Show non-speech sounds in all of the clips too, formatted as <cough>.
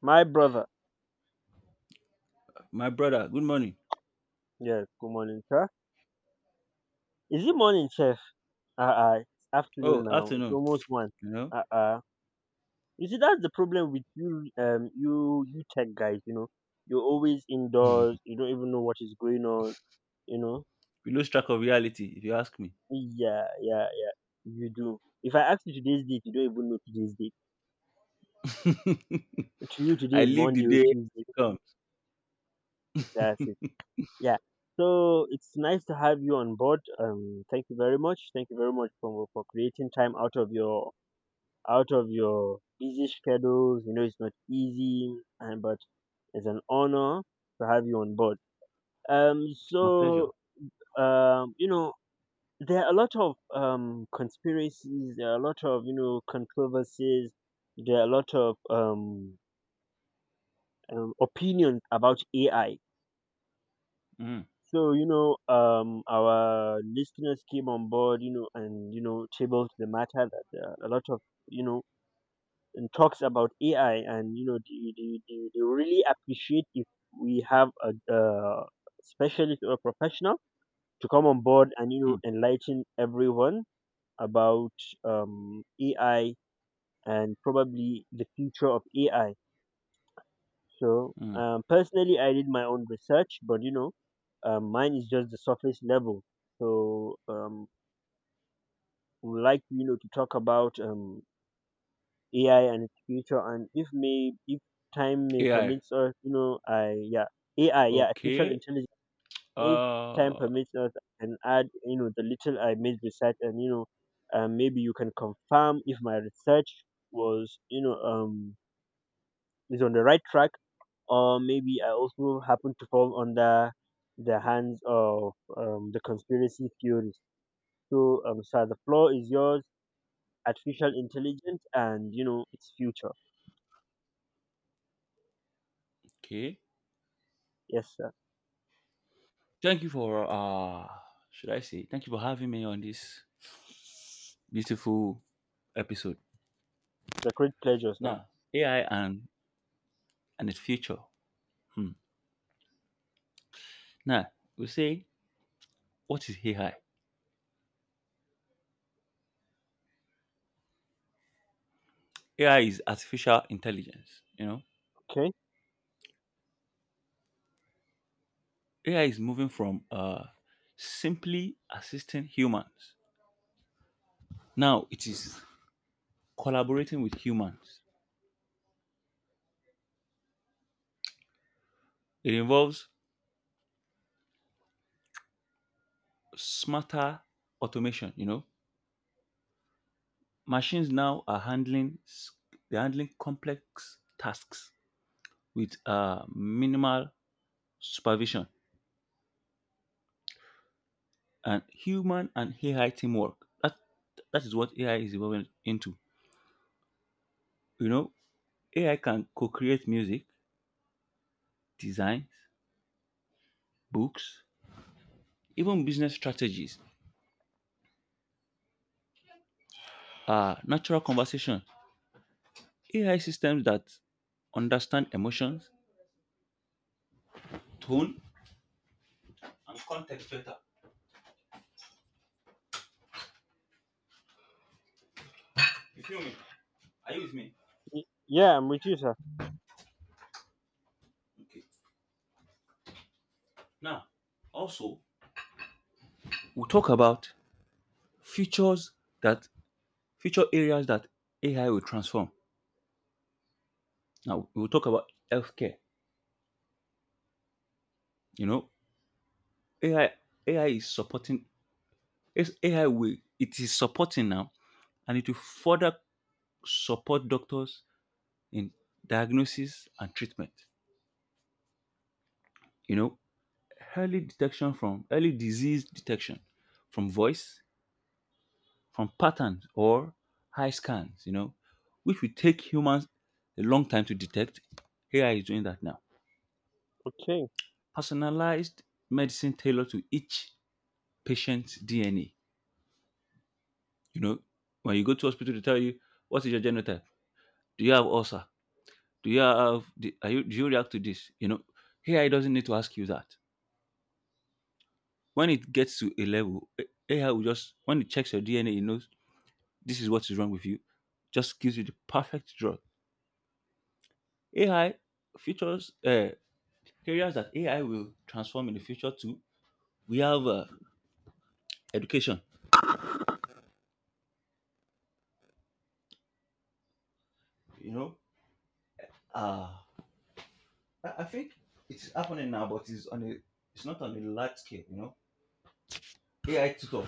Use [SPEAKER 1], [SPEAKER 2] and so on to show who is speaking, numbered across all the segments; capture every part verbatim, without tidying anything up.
[SPEAKER 1] My brother.
[SPEAKER 2] My brother, good morning.
[SPEAKER 1] Yes, good morning, sir. Is it morning, chef? Uh uh it's
[SPEAKER 2] Oh,
[SPEAKER 1] afternoon now. It's
[SPEAKER 2] afternoon.
[SPEAKER 1] almost one.
[SPEAKER 2] You know,
[SPEAKER 1] Uh uh. You see, that's the problem with you, um you you tech guys, you know. You're always indoors, you don't even know what is going on, you know.
[SPEAKER 2] we lose track of reality if you ask me.
[SPEAKER 1] Yeah, yeah, yeah. You do. If I ask you today's date, you don't even know today's date.
[SPEAKER 2] <laughs>
[SPEAKER 1] To you,
[SPEAKER 2] I
[SPEAKER 1] today is
[SPEAKER 2] live the
[SPEAKER 1] Monday
[SPEAKER 2] day
[SPEAKER 1] or
[SPEAKER 2] as
[SPEAKER 1] Tuesday.
[SPEAKER 2] it comes.
[SPEAKER 1] That's it.
[SPEAKER 2] <laughs>
[SPEAKER 1] Yeah. So it's nice to have you on board. Um, thank you very much. Thank you very much for for creating time out of your out of your busy schedules. You know, it's not easy, and but it's an honor to have you on board. Um,
[SPEAKER 2] My pleasure.
[SPEAKER 1] so um, you know, there are a lot of um conspiracies. There are a lot of you know controversies. There are a lot of um, um opinions about A I.
[SPEAKER 2] Mm,
[SPEAKER 1] So you know, um, our listeners came on board, you know, and you know, tabled the matter that there are a lot of you know and talks about A I, and you know, they, they, they, they really appreciate if we have a, a specialist or professional to come on board and you know
[SPEAKER 2] mm,
[SPEAKER 1] enlighten everyone about um, A I, and probably the future of A I. So
[SPEAKER 2] mm.
[SPEAKER 1] um, personally, I did my own research, but you know, um, mine is just the surface level. So um, we would like you know to talk about um, A I and its future, and if may if time may
[SPEAKER 2] A I.
[SPEAKER 1] permits us, you know, I yeah. A I, yeah, artificial
[SPEAKER 2] Okay.
[SPEAKER 1] intelligence. If time
[SPEAKER 2] Uh,
[SPEAKER 1] permits us, I can add you know the little I made research, and you know, um, maybe you can confirm if my research was you know um is on the right track, or maybe I also happen to fall under the hands of um, the conspiracy theories. So, um, sir, the floor is yours. Artificial intelligence and you know its future.
[SPEAKER 2] okay.
[SPEAKER 1] Yes, sir.
[SPEAKER 2] Thank you for uh Should I say, thank you for having me on this beautiful episode.
[SPEAKER 1] The great pleasure, sir.
[SPEAKER 2] Now, A I and and its future. Hmm. Now, we say, what is A I? A I is artificial intelligence, you know.
[SPEAKER 1] Okay.
[SPEAKER 2] A I is moving from uh, simply assisting humans. Now it is collaborating with humans. It involves smarter automation. You know, machines now are handling s- they're handling complex tasks with uh, minimal supervision and human and A I teamwork. That that is what A I is evolving into. You know, A I can co-create music, designs, books, even business strategies, uh, natural conversation. A I systems that understand emotions, tone, and context better. You feel me? Are you with me?
[SPEAKER 1] Y- Yeah, I'm with you, sir.
[SPEAKER 2] Now, also, we'll talk about features that feature areas that A I will transform. Now, we'll talk about healthcare. You know, A I A I is supporting. It's A I, will it, is supporting now, and it will further support doctors in diagnosis and treatment. You know, early detection, from early disease detection from voice, from patterns or eye scans, you know which will take humans a long time to detect. Ai is doing that now.
[SPEAKER 1] Okay.
[SPEAKER 2] Personalized medicine tailored to each patient's dna you know when you go to hospital to tell you what is your genotype, do you have ulcer, do you have the- are you do you react to this, you know ai doesn't need to ask you that. When it gets to a level, ai will, just when it checks your dna it knows this is what is wrong with you, just gives you the perfect drug. A I features uh, areas that A I will transform in the future too. We have uh, education. You know, uh, I, I think it's happening now, but it's on a it's not on a large scale. You know, A I tutor.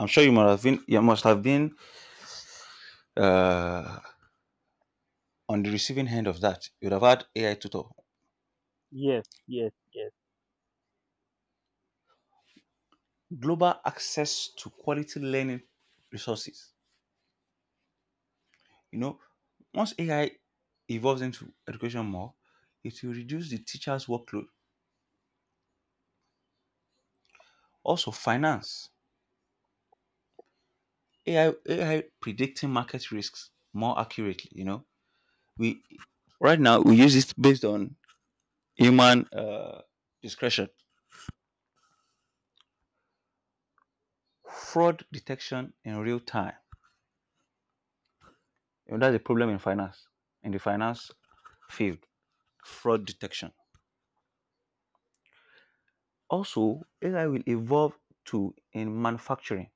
[SPEAKER 2] I'm sure you must have been you must have been uh, on the receiving end of that. You'd have had A I tutor.
[SPEAKER 1] Yes, yes, yes,
[SPEAKER 2] Global access to quality learning resources. You know, once A I evolves into education more, it will reduce the teacher's workload. Also, finance. A I predicting market risks more accurately. You know, we right now we use it based on human, uh, discretion. Fraud detection in real time. And that's a problem in finance, in the finance field. Fraud detection. Also, A I will evolve to in manufacturing,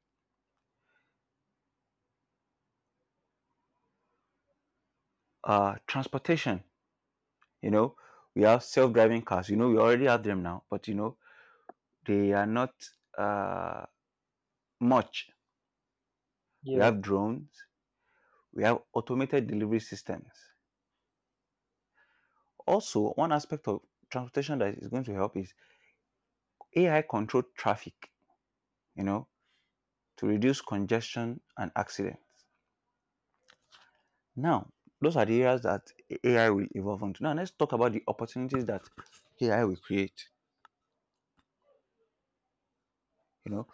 [SPEAKER 2] uh, transportation. You know, we have self-driving cars. You know, we already have them now, but you know, they are not uh, much. We
[SPEAKER 1] yes,
[SPEAKER 2] have drones. We have automated delivery systems. Also, one aspect of transportation that is going to help is A I controlled traffic. You know, to reduce congestion and accidents. Now, those are the areas that A I will evolve into. Now, let's talk about the opportunities that A I will create. You know,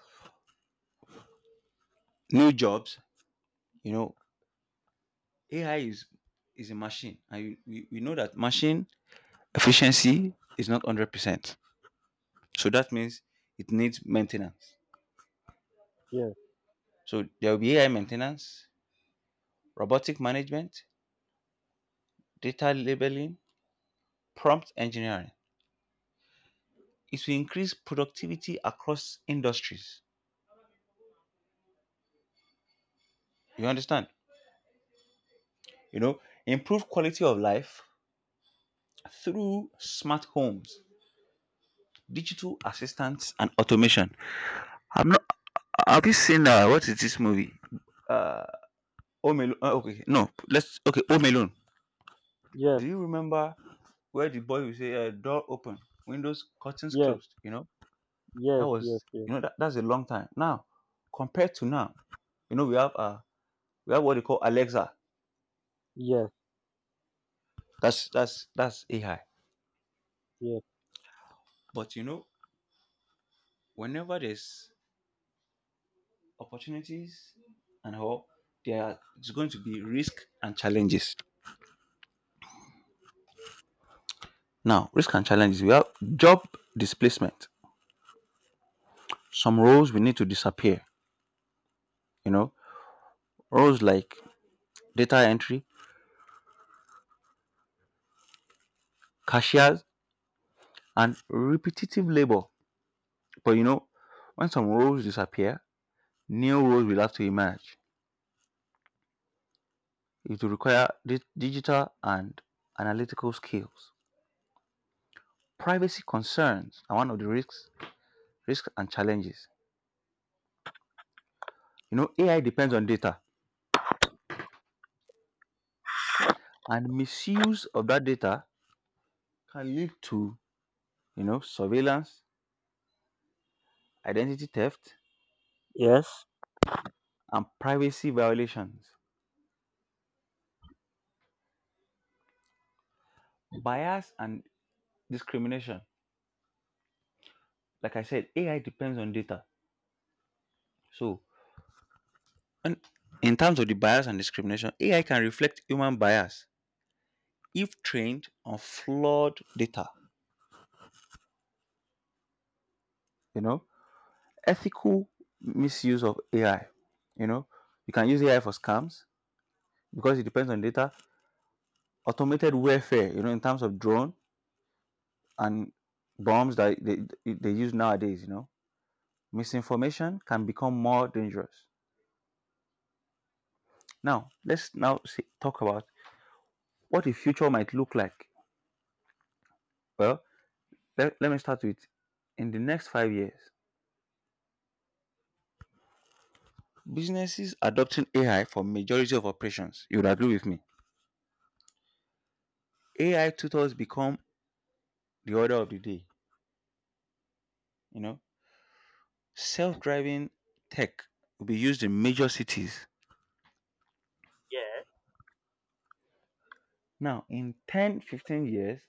[SPEAKER 2] new jobs. You know, A I is is a machine, and you, we, we know that machine efficiency is not one hundred percent. So that means it needs maintenance. So there will be A I maintenance, robotic management, data labeling, prompt engineering. It will increase productivity across industries. You understand? You know, improve quality of life through smart homes, digital assistants, and automation. I'm not. Have you seen, uh, what is this movie? Uh, Home Alone. Uh, okay, no. Let's Okay. Home Alone. Do
[SPEAKER 1] yes,
[SPEAKER 2] you remember where the boy will say, uh, door open, windows, curtains
[SPEAKER 1] yes,
[SPEAKER 2] closed? You know, that
[SPEAKER 1] yes, yes,
[SPEAKER 2] was,
[SPEAKER 1] yes,
[SPEAKER 2] you know, that, that's a long time. Now, compared to now, you know, we have uh, we have what they call Alexa.
[SPEAKER 1] yes, yes, yes,
[SPEAKER 2] That's that's that's A I.
[SPEAKER 1] yes.
[SPEAKER 2] But you know, whenever there's opportunities and all, there are- it's going to be risk and challenges. Now, risk and challenges. We have job displacement. Some roles we need to disappear. You know, roles like data entry, cashiers, and repetitive labor. But you know, when some roles disappear, new roles will have to emerge. It will require di- digital and analytical skills. Privacy concerns are one of the risks, risks and challenges. You know, A I depends on data, and misuse of that data can lead to, you know surveillance, identity theft, and privacy violations, bias, and discrimination. Like I said, A I depends on data, so And in terms of the bias and discrimination, A I can reflect human bias if trained on flawed data. You know, ethical misuse of A I. You know, you can use A I for scams because it depends on data. Automated warfare. You know, in terms of drone and bombs that they, they use nowadays. You know, misinformation can become more dangerous. Now, let's now see, talk about what the future might look like. Well, let, let me start with, in the next five years. Businesses adopting A I for majority of operations. You would agree with me. A I tutors become the order of the day. You know, self-driving tech will be used in major cities.
[SPEAKER 1] Yes.
[SPEAKER 2] Now, in ten, fifteen years,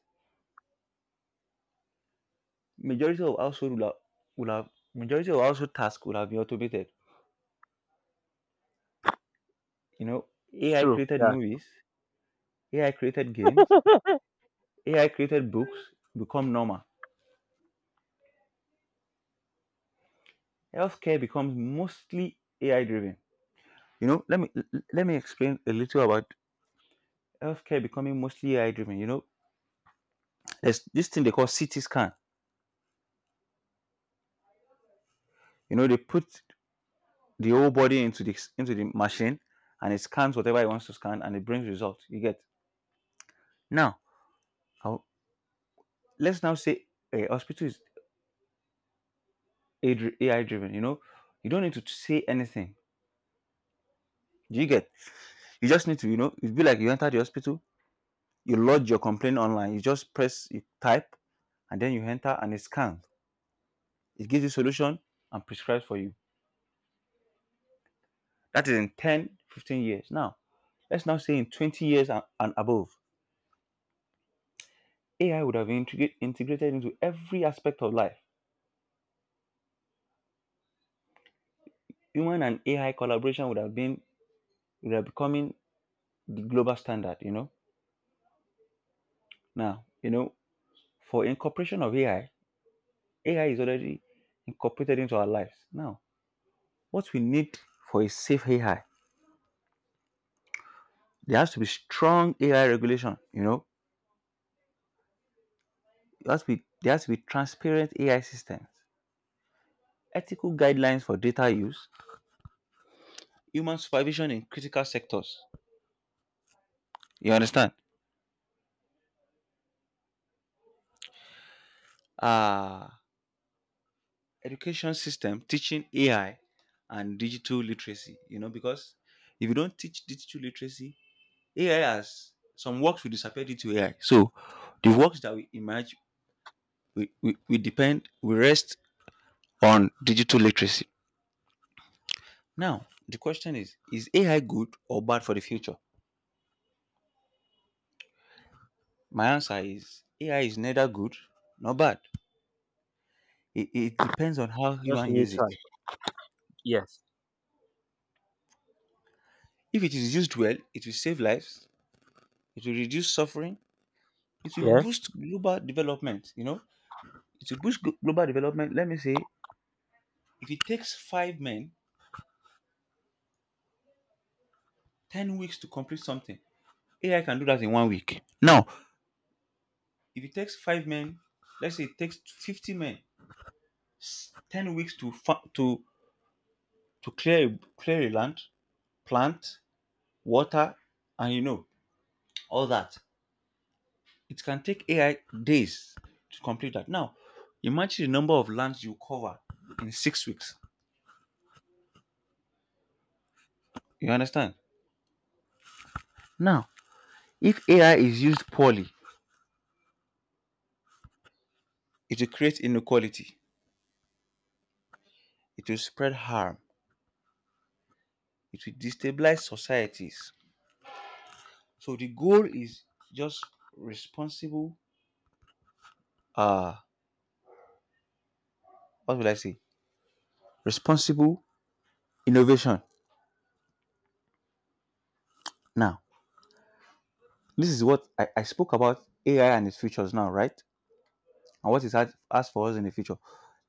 [SPEAKER 2] majority of household will have, will have majority of household tasks will have been automated. You know,
[SPEAKER 1] It's
[SPEAKER 2] A I
[SPEAKER 1] true.
[SPEAKER 2] created
[SPEAKER 1] Yeah.
[SPEAKER 2] movies, A I created games,
[SPEAKER 1] <laughs>
[SPEAKER 2] A I created books become normal. Healthcare becomes mostly A I driven. You know, let me l- let me explain a little about healthcare becoming mostly A I driven. You know, there's this thing they call C T scan. You know, they put the whole body into the into the machine, and it scans whatever it wants to scan, and it brings results. You get now. I'll- Let's now say a hospital is A I driven. You know, you don't need to say anything. Do you get? You just need to. You know, it'd be like, you enter the hospital, you lodge your complaint online. You just press, you type, and then you enter, and it scans. It gives you solution and prescribes for you. That is in ten, fifteen years. Now, let's now say in twenty years and, and above, A I would have been integra- integrated into every aspect of life. Human and A I collaboration would have been would have becoming the global standard, you know. Now, you know, for incorporation of A I, A I is already incorporated into our lives. Now, what we need for a safe A I, there has to be strong A I regulation, you know. There has to be, there has to be transparent A I systems, ethical guidelines for data use, human supervision in critical sectors. You understand? Uh, education system teaching A I and digital literacy. You know, because if you don't teach digital literacy, A I has some works will disappear due to A I. So the works that we emerge, we, we, we depend we rest on digital literacy. Now, the question is is A I good or bad for the future? My answer is, A I is neither good nor bad. It, it depends on how
[SPEAKER 1] Just
[SPEAKER 2] human use
[SPEAKER 1] neutral.
[SPEAKER 2] it.
[SPEAKER 1] Yes.
[SPEAKER 2] If it is used well, it will save lives, it will reduce suffering, it will
[SPEAKER 1] Yes.
[SPEAKER 2] boost global development, you know? It will boost glo- global development. Let me say, if it takes five men 10 weeks to complete something, A I can do that in one week. Now, if it takes five men, let's say it takes 50 men s- 10 weeks to fa- to to clear a- clear a land, plant, water, and you know, all that. It can take A I days to complete that. Now, imagine the number of lands you cover in six weeks. You understand? Now, if A I is used poorly, it will create inequality, it will spread harm, it will destabilize societies. So the goal is just responsible, uh what will I say? Responsible innovation. Now, this is what I, I spoke about A I and its features now, right? And what it has, has for us in the future.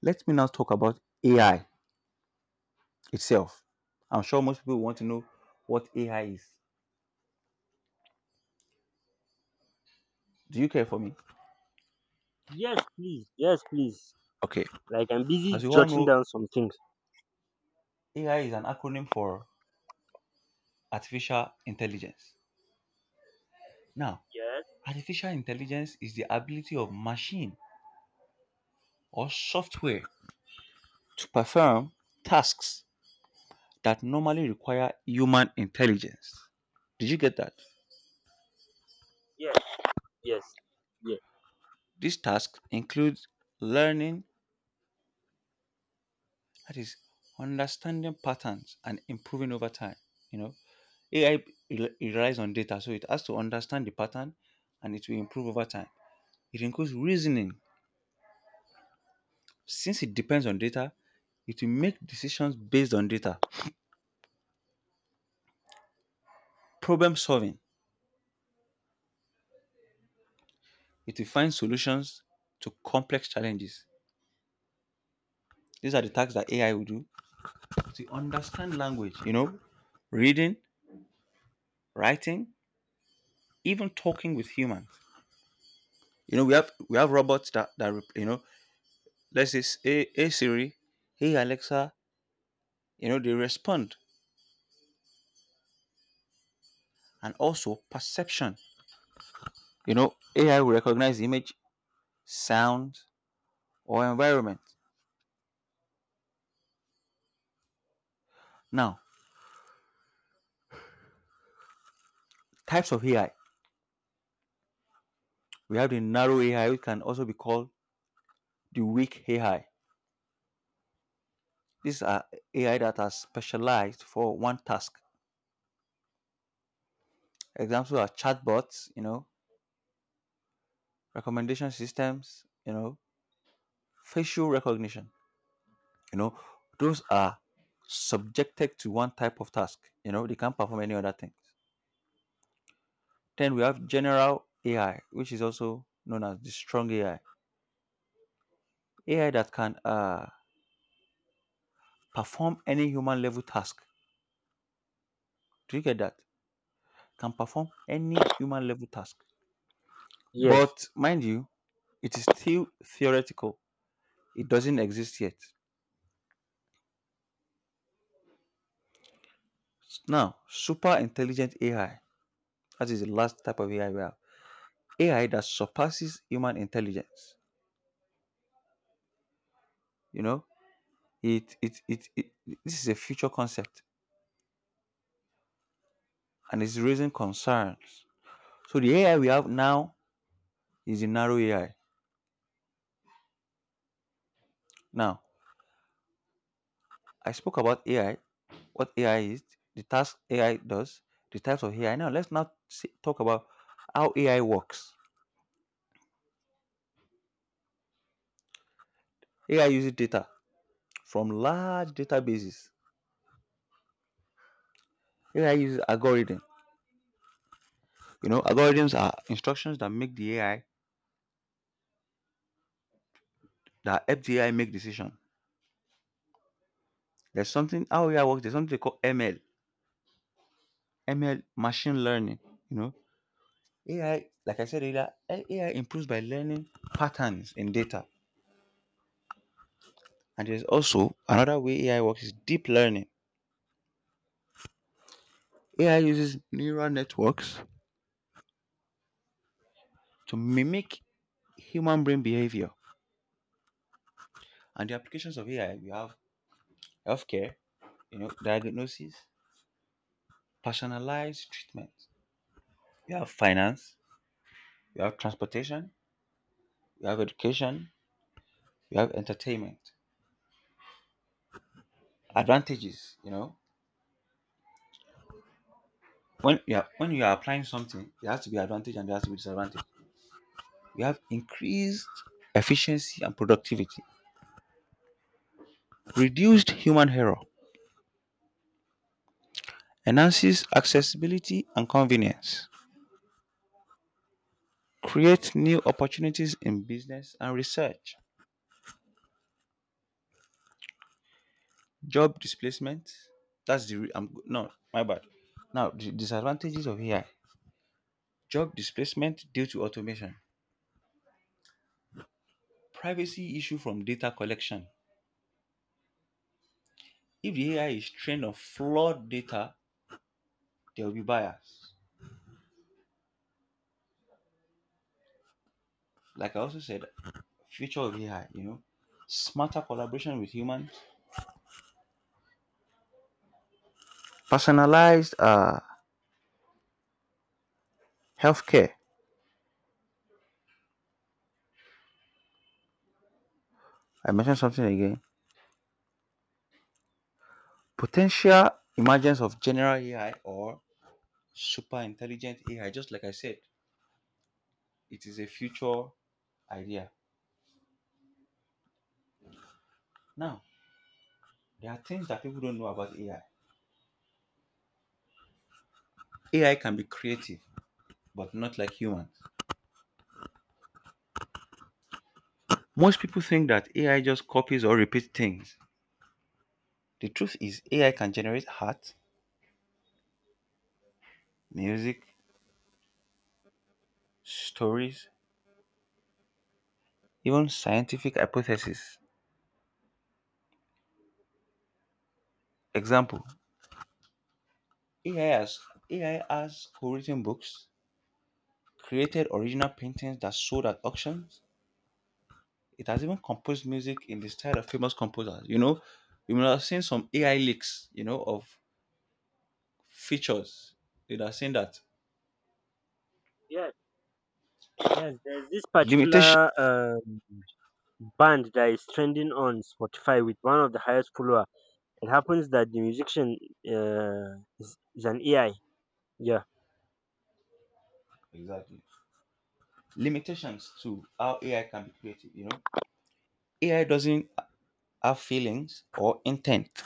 [SPEAKER 2] Let me now talk about A I itself. I'm sure most people want to know what A I is. Do you care for me?
[SPEAKER 1] Yes, please. Yes, please.
[SPEAKER 2] Okay.
[SPEAKER 1] Like I'm
[SPEAKER 2] As
[SPEAKER 1] busy
[SPEAKER 2] you all
[SPEAKER 1] jotting
[SPEAKER 2] know,
[SPEAKER 1] down some things.
[SPEAKER 2] A I is an acronym for artificial intelligence. Now,
[SPEAKER 1] Yes.
[SPEAKER 2] artificial intelligence is the ability of machine or software to perform tasks that normally require human intelligence. Did you get that?
[SPEAKER 1] Yes. Yes. Yes.
[SPEAKER 2] These tasks include learning, that is, understanding patterns and improving over time. You know, A I rel- relies on data, so it has to understand the pattern and it will improve over time. It includes reasoning. Since it depends on data, it will make decisions based on data. Problem solving. It will find solutions to complex challenges. These are the tasks that A I will do. To understand language, you know, reading, writing, even talking with humans. You know, we have we have robots. That, that rep- you know Let's say, s- hey, hey Siri, hey Alexa, you know, they respond. And also perception. You know, A I will recognize image, sound, or environment. Now, types of A I. We have the narrow A I, which can also be called the weak A I. These are A I that are specialized for one task. Examples are chatbots, you know, recommendation systems, you know, facial recognition. You know, those are subjected to one type of task. You know, they can't perform any other things. Then we have general A I, which is also known as the strong A I. A I that can uh, perform any human level task. Do you get that? Can perform any human level task.
[SPEAKER 1] Yes.
[SPEAKER 2] But mind you, it is still theoretical. It doesn't exist yet. Now, super intelligent A I. That is the last type of A I we have. A I that surpasses human intelligence. You know, it it it, it This is a future concept and it's raising concerns. So the A I we have now is the narrow A I. Now, I spoke about AI, what A I is, the task AI does, the types of A I. Now, let's now see, talk about how A I works. A I uses data from large databases. A I uses algorithms. You know, algorithms are instructions that make the A I that help the A I make decision. There's something how A I works. There's something they call ML, M L machine learning. You know, A I, like I said earlier, A I improves by learning patterns in data. And there's also another way A I works is deep learning. A I uses neural networks to mimic human brain behavior. And the applications of A I: you have healthcare, you know, diagnosis, personalized treatment; you have finance, you have transportation, you have education, you have entertainment. Advantages, you know. When you are when you are applying something, there has to be advantage and there has to be disadvantage. You have increased efficiency and productivity, reduced human error, enhances accessibility and convenience, creates new opportunities in business and research, job displacement. That's the re- I'm, No, my bad. Now the disadvantages of A I: job displacement due to automation, privacy issue from data collection. If the A I is trained on flawed data, there will be bias. Like I also said, future of A I. You know, smarter collaboration with humans, personalized uh, healthcare. I mentioned something again. Potential emergence of general A I or super intelligent A I, just like I said, it is a future idea. Now, there are things that people don't know about A I. A I can be creative, but not like humans. Most people think that A I just copies or repeats things. The truth is, A I can generate art, music, stories, even scientific hypotheses. Example: A I has, A I has co written books, created original paintings that sold at auctions. It has even composed music in the style of famous composers. You know, you might have seen some A I leaks, you know, of features. You would have seen that
[SPEAKER 1] Yes. Yes. There's this
[SPEAKER 2] limitation.
[SPEAKER 1] particular um, band that is trending on Spotify with one of the highest followers. It happens that the musician uh, is, is an A I. Yeah.
[SPEAKER 2] Exactly, limitations to how A I can be creative. You know, A I doesn't have feelings or intent.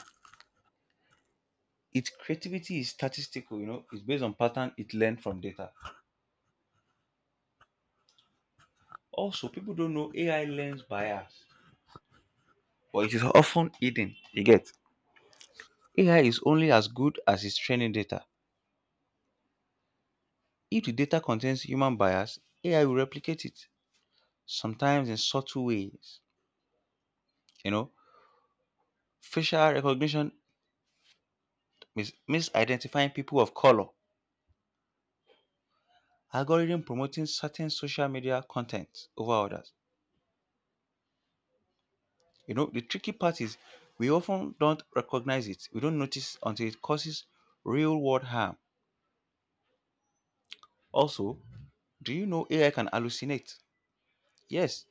[SPEAKER 2] Its creativity is statistical. You know, it's based on pattern it learned from data. Also, people don't know A I learns bias, but it is often hidden. You get A I is only as good as its training data. If the data contains human bias, A I will replicate it, sometimes in subtle ways. You know, facial recognition mis- misidentifying people of color, algorithm promoting certain social media content over others. You know, the tricky part is we often don't recognize it. We don't notice until it causes real world harm. Also, do you know A I can hallucinate? Yes,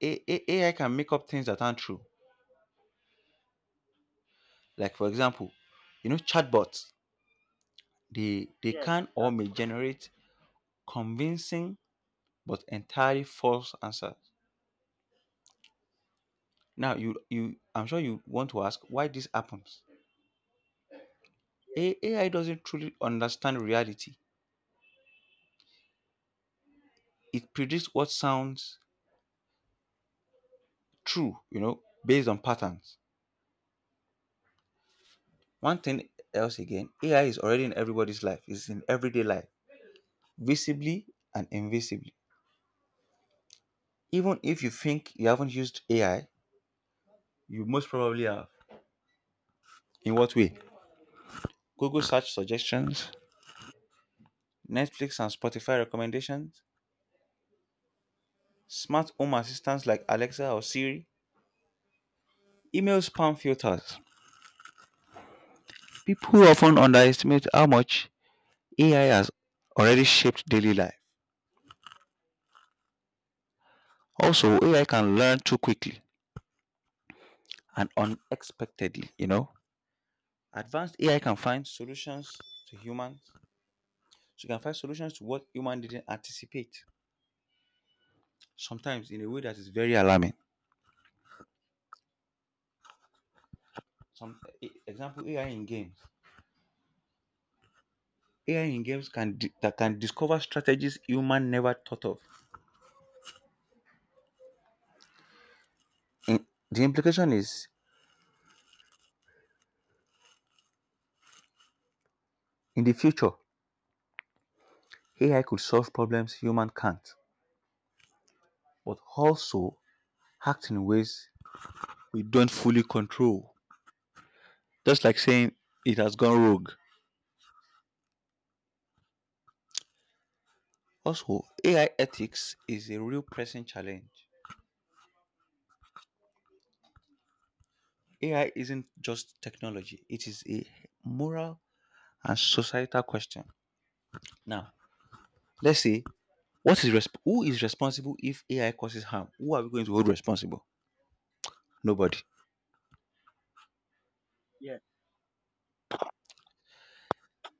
[SPEAKER 2] A- A- AI can make up things that aren't true. Like, for example, you know, chatbots. They, they
[SPEAKER 1] Yes.
[SPEAKER 2] can or
[SPEAKER 1] That,
[SPEAKER 2] may generate convincing but entirely false answers. Now, you, you, I'm sure you want to ask why this happens. A- AI doesn't truly understand reality. It predicts what sounds true, you know, based on patterns. One thing else again, A I is already in everybody's life. It's in everyday life, visibly and invisibly. Even if you think you haven't used A I, you most probably have. In what way? Google search suggestions, Netflix and Spotify recommendations, smart home assistants like Alexa or Siri, email spam filters. People often underestimate how much A I has already shaped daily life. Also, A I can learn too quickly and unexpectedly, you know. Advanced A I can find solutions to humans. So you can find solutions to what human didn't anticipate, sometimes in a way that is very alarming. Some e- example A I in games. A I in games can di- that can discover strategies human never thought of. In, the implication is in the future, A I could solve problems human can't, but also act in ways we don't fully control. Just like saying it has gone rogue. Also, A I ethics is a real pressing challenge. A I isn't just technology, it is a moral and societal question. Now, let's say what is resp- who is responsible if A I causes harm? Who are we going to hold responsible? Nobody.
[SPEAKER 1] yeah.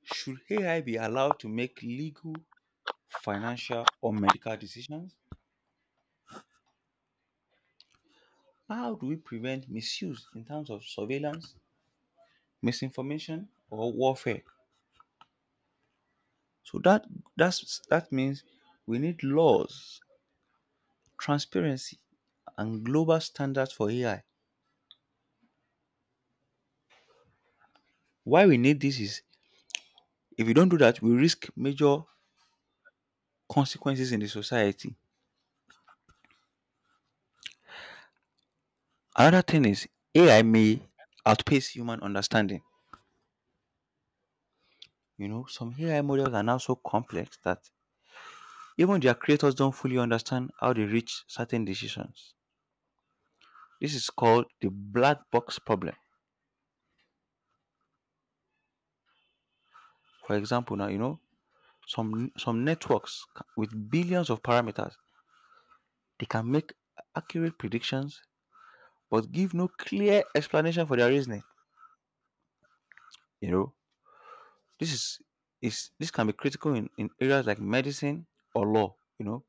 [SPEAKER 2] Should A I be allowed to make legal financial or medical decisions? How do we prevent misuse in terms of surveillance, misinformation, or warfare? So that that's that means we need laws, transparency, and global standards for A I. Why we need this is if we don't do that, we risk major consequences in the society. Another thing is A I may outpace human understanding. You know, some A I models are now so complex that even their creators don't fully understand how they reach certain decisions. This is called the black box problem. For example, now you know some some networks ca- with billions of parameters they can make accurate predictions but give no clear explanation for their reasoning. You know, this is is this can be critical in, in areas like medicine or law. You know,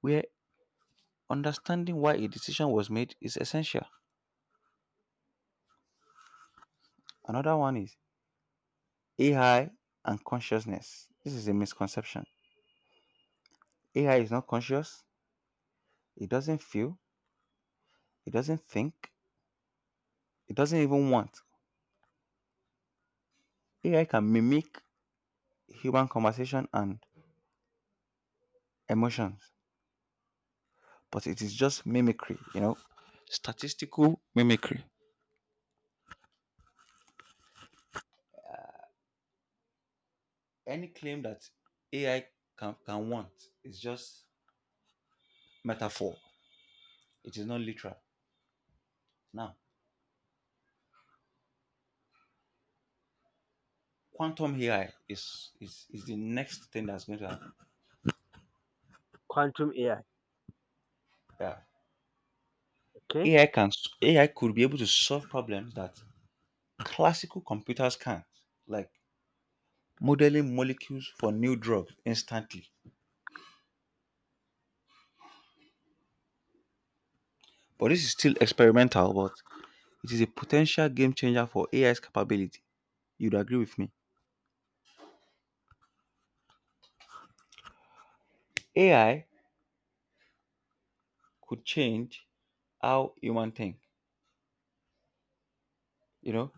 [SPEAKER 2] where understanding why a decision was made is essential. Another one is A I and consciousness. This is a misconception: A I is not conscious. It doesn't feel. It doesn't think. It doesn't even want. A I can mimic human conversation and emotions, but it is just mimicry, you know, statistical mimicry. Any claim that A I can, can want is just metaphor. It is not literal. Now, quantum A I is, is, is the next thing that's going to happen.
[SPEAKER 1] Quantum A I.
[SPEAKER 2] Yeah.
[SPEAKER 1] Okay.
[SPEAKER 2] A I can A I could be able to solve problems that classical computers can't. Like modeling molecules for new drugs instantly, but this is still experimental, but it is a potential game changer for A I's capability. You'd agree with me? A I could change how human think, you know?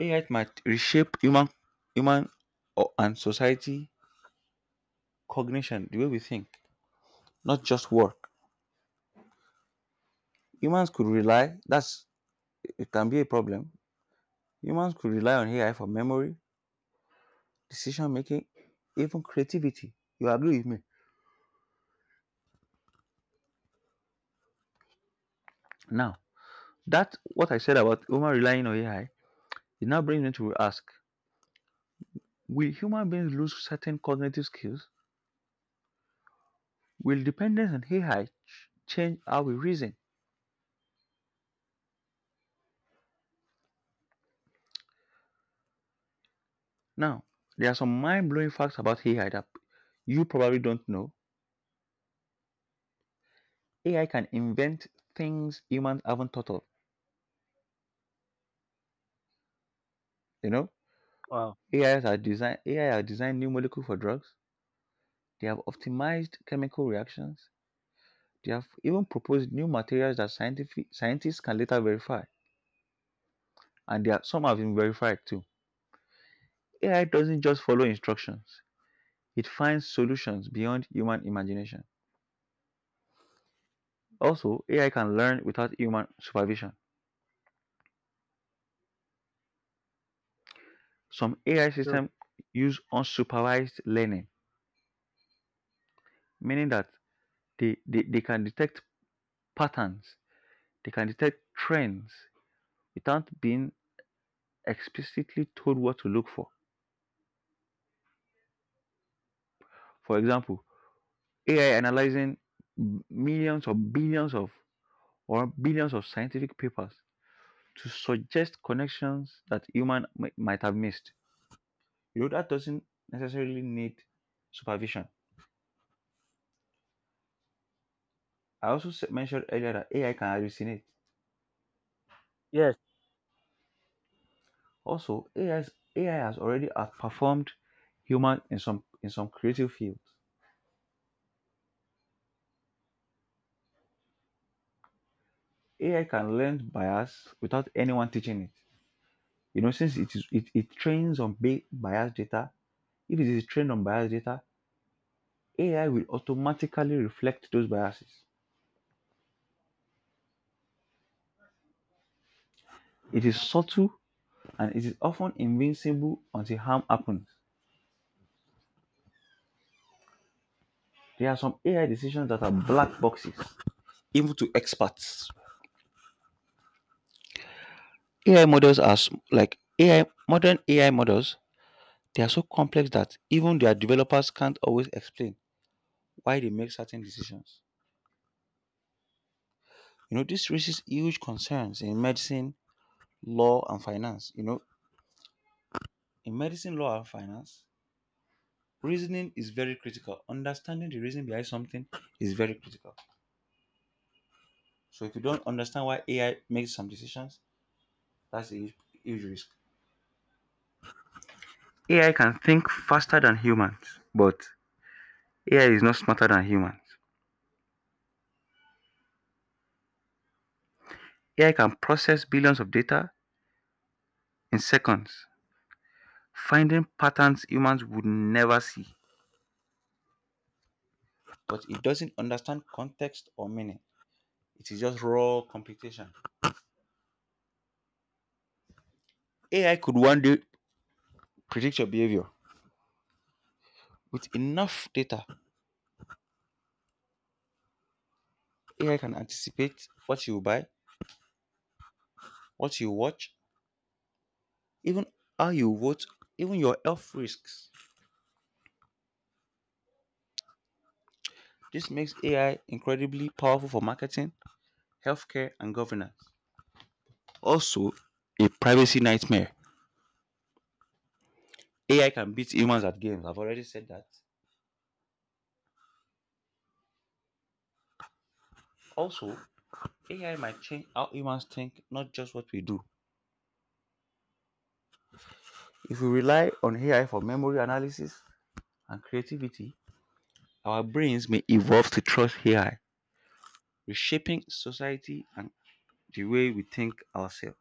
[SPEAKER 2] A I might reshape human human or, and society cognition, the way we think, not just work. Humans could rely, that's it can be a problem. Humans could rely on A I for memory, decision making, even creativity. You agree with me? Now, that what I said about human relying on A I, it now brings me to ask: will human beings lose certain cognitive skills? Will dependence on A I ch- change how we reason? Now, there are some mind-blowing facts about A I that you probably don't know. A I can invent things humans haven't thought of. You know,
[SPEAKER 1] Wow.
[SPEAKER 2] A Is are design A I are designed new molecules for drugs. They have optimized chemical reactions. They have even proposed new materials that scientific scientists can later verify, and they are, some have been verified too. A I doesn't just follow instructions, it finds solutions beyond human imagination. Also, A I can learn without human supervision. Some A I
[SPEAKER 1] No.
[SPEAKER 2] systems use unsupervised learning, meaning that they, they, they can detect patterns, they can detect trends without being explicitly told what to look for. For example, A I analyzing millions or billions of or billions of scientific papers to suggest connections that human mi- might have missed. You know, that doesn't necessarily need supervision. I also s- mentioned earlier that A I can hallucinate.
[SPEAKER 1] Yes.
[SPEAKER 2] Also, A I, is- A I has already outperformed human in some in some creative fields. A I can learn bias without anyone teaching it. You know, since it is it, it trains on ba- bias data, if it is trained on bias data, A I will automatically reflect those biases. It is subtle and it is often invincible until harm happens. There are some A I decisions that are black boxes, even to experts. A I models are s- like A I modern A I models. They are so complex that even their developers can't always explain why they make certain decisions. You know, this raises huge concerns in medicine, law, and finance. You know, in medicine, law, and finance, reasoning is very critical. Understanding the reason behind something is very critical. So, if you don't understand why A I makes some decisions, that's a huge, huge risk. A I can think faster than humans, but A I is not smarter than humans. A I can process billions of data in seconds, finding patterns humans would never see. But it doesn't understand context or meaning. It is just raw computation. A I could one day predict your behavior. With enough data, A I can anticipate what you buy, what you watch, even how you vote, even your health risks. This makes A I incredibly powerful for marketing, healthcare, and governance. Also, a privacy nightmare. A I can beat humans at games. I've already said that. Also, A I might change how humans think, not just what we do. If we rely on A I for memory analysis and creativity, our brains may evolve to trust A I, reshaping society and the way we think ourselves.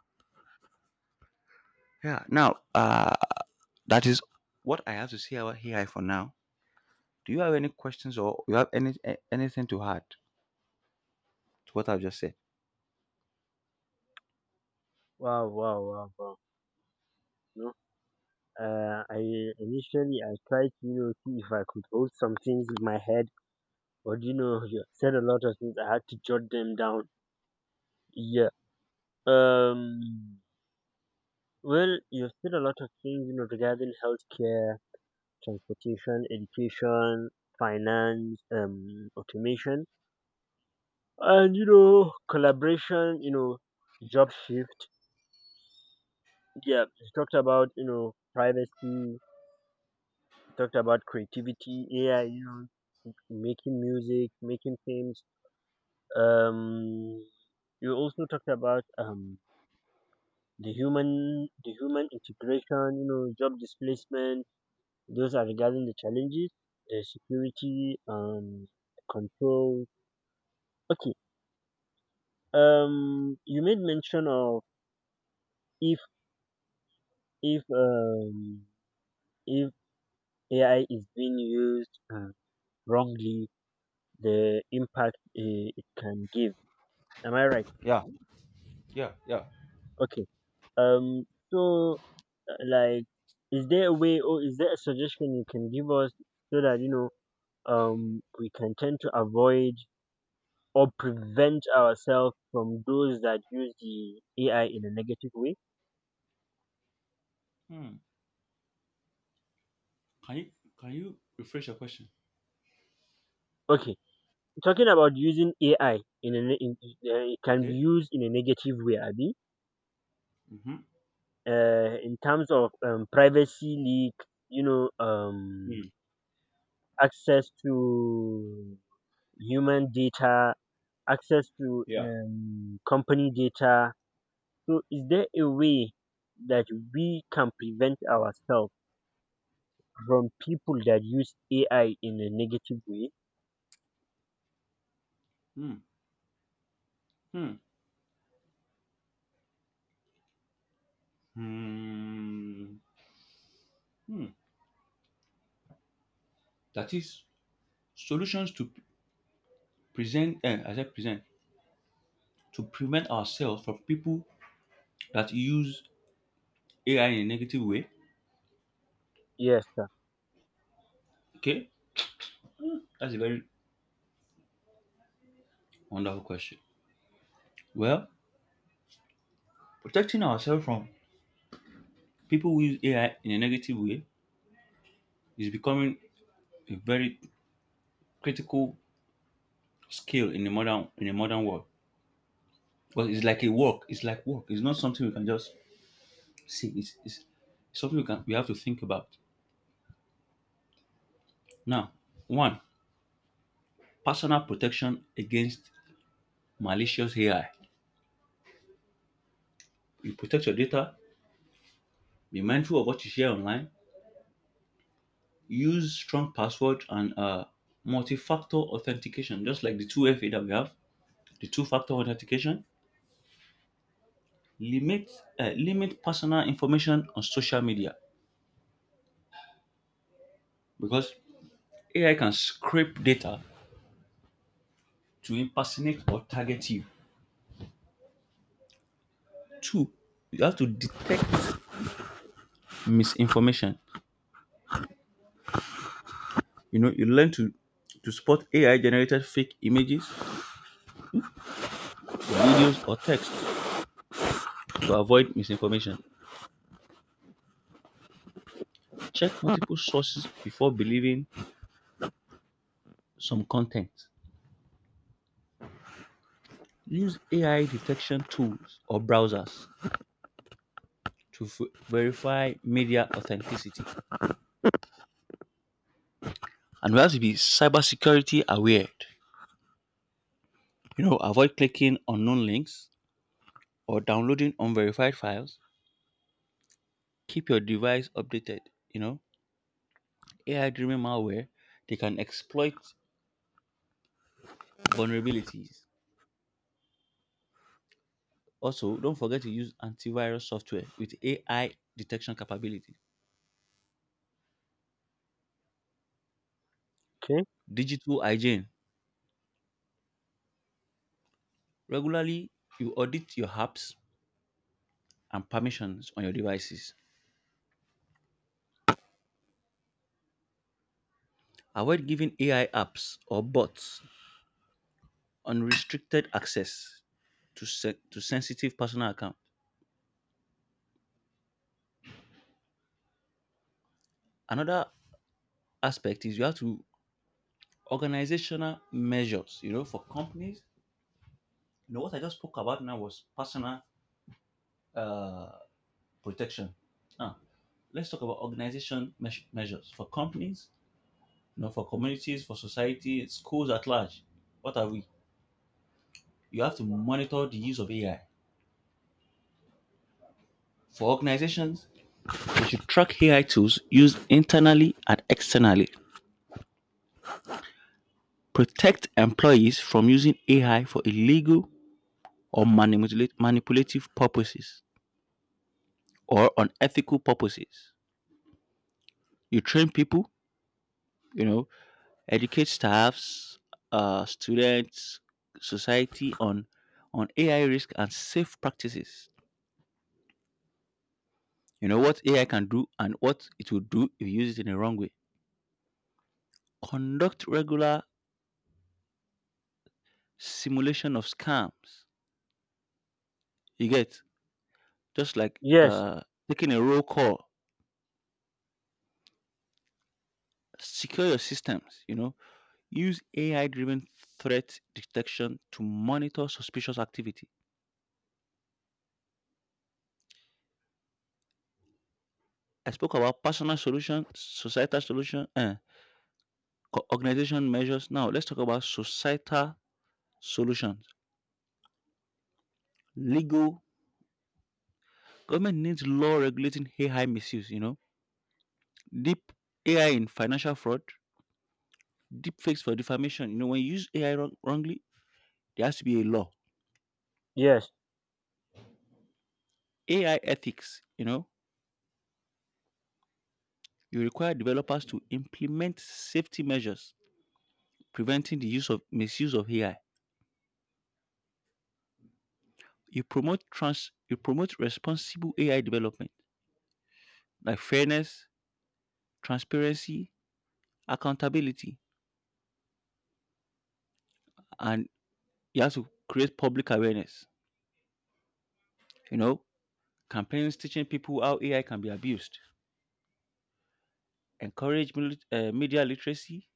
[SPEAKER 2] Yeah, now, uh, that is what I have to say about A I for now. Do you have any questions or you have any a- anything to add to what I've just said?
[SPEAKER 1] Wow. Wow. Wow. Wow. No. Uh, I Initially, I tried to you know see if I could hold some things in my head, but you know you said a lot of things. I had to jot them down. Yeah. Um. Well, you said a lot of things, you know, regarding healthcare, transportation, education, finance, um, automation. And you know, collaboration, you know, job shift. Yeah, you talked about, you know, privacy. You talked about creativity, A I, you know, making music, making films. Um you also talked about um the human the human integration, you know, job displacement. Those are regarding the challenges, the security, um control. Okay. Um you made mention of if if um if A I is being used uh, wrongly, the impact uh, it can give. Am I right?
[SPEAKER 2] Yeah, yeah, yeah.
[SPEAKER 1] Okay. Um. So, uh, like, is there a way, or is there a suggestion you can give us so that you know um we can tend to avoid or prevent ourselves from those that use the A I in a negative way?
[SPEAKER 2] Hmm. Can you can you refresh your question?
[SPEAKER 1] Okay. Talking about using A I, in a ne- in, in- uh, it can be
[SPEAKER 2] Okay.
[SPEAKER 1] used in a negative way, Abi.
[SPEAKER 2] Mm-hmm.
[SPEAKER 1] Uh, in terms of um, privacy leak, you know, um,
[SPEAKER 2] Hmm.
[SPEAKER 1] access to human data, access to
[SPEAKER 2] Yeah.
[SPEAKER 1] um, company data. So, is there a way that we can prevent ourselves from people that use A I in a negative way?
[SPEAKER 2] Hmm. Hmm. Hmm. Hmm. That is solutions to present, and as I said, present to prevent ourselves from people that use A I in a negative way.
[SPEAKER 1] Yes, sir.
[SPEAKER 2] Okay, that's a very wonderful question. Well, protecting ourselves from people who use A I in a negative way is becoming a very critical skill in the modern in the modern world. But it's like a work. It's like work. It's not something we can just see. It's, it's something we can we have to think about. Now, one, personal protection against malicious A I. You protect your data, be mindful of what you share online, use strong password and uh, multi-factor authentication, just like the two F A that we have, the two-factor authentication. Limit uh, Limit personal information on social media because A I can scrape data to impersonate or target you. Two, you have to detect misinformation. You know, you learn to to spot A I generated fake images, videos, or text. To avoid misinformation, check multiple sources before believing some content. Use A I detection tools or browsers to f- verify media authenticity. And we have to be cybersecurity aware. You know, avoid clicking unknown links or downloading unverified files. Keep your device updated. You know, A I driven malware, they can exploit vulnerabilities. Also, don't forget to use antivirus software with A I detection capability.
[SPEAKER 1] Okay.
[SPEAKER 2] Digital hygiene. Regularly, you audit your apps and permissions on your devices. Avoid giving A I apps or bots unrestricted access to, se- to sensitive personal accounts. Another aspect is you have to organizational measures, you know, for companies. You know, what I just spoke about now was personal uh, protection. Now, let's talk about organization meas- measures for companies, you know, for communities, for society, schools at large. What are we? You have to monitor the use of A I. For organizations, they should track A I tools used internally and externally, protect employees from using A I for illegal or manipula- manipulative purposes or unethical purposes. You train people, you know, educate staffs, uh, students, society on on A I risk and safe practices. You know what A I can do and what it will do if you use it in the wrong way. Conduct regular simulation of scams. You get just like
[SPEAKER 1] Yes,
[SPEAKER 2] uh, taking a roll call. Secure your systems, you know. Use A I driven threat detection to monitor suspicious activity. I spoke about personal solution, societal solution, and organization measures. Now let's talk about societal solutions. Legal government needs law regulating A I misuse, you know. Deep A I in financial fraud, deep fakes for defamation. You know, when you use A I wrong- wrongly, there has to be a law.
[SPEAKER 1] yes.
[SPEAKER 2] A I ethics, you know. You require developers to implement safety measures preventing the use of misuse of A I. You promote trans you promote responsible A I development like fairness, transparency, accountability, and you have to create public awareness. You know, campaigns teaching people how A I can be abused, encourage mil- uh, media literacy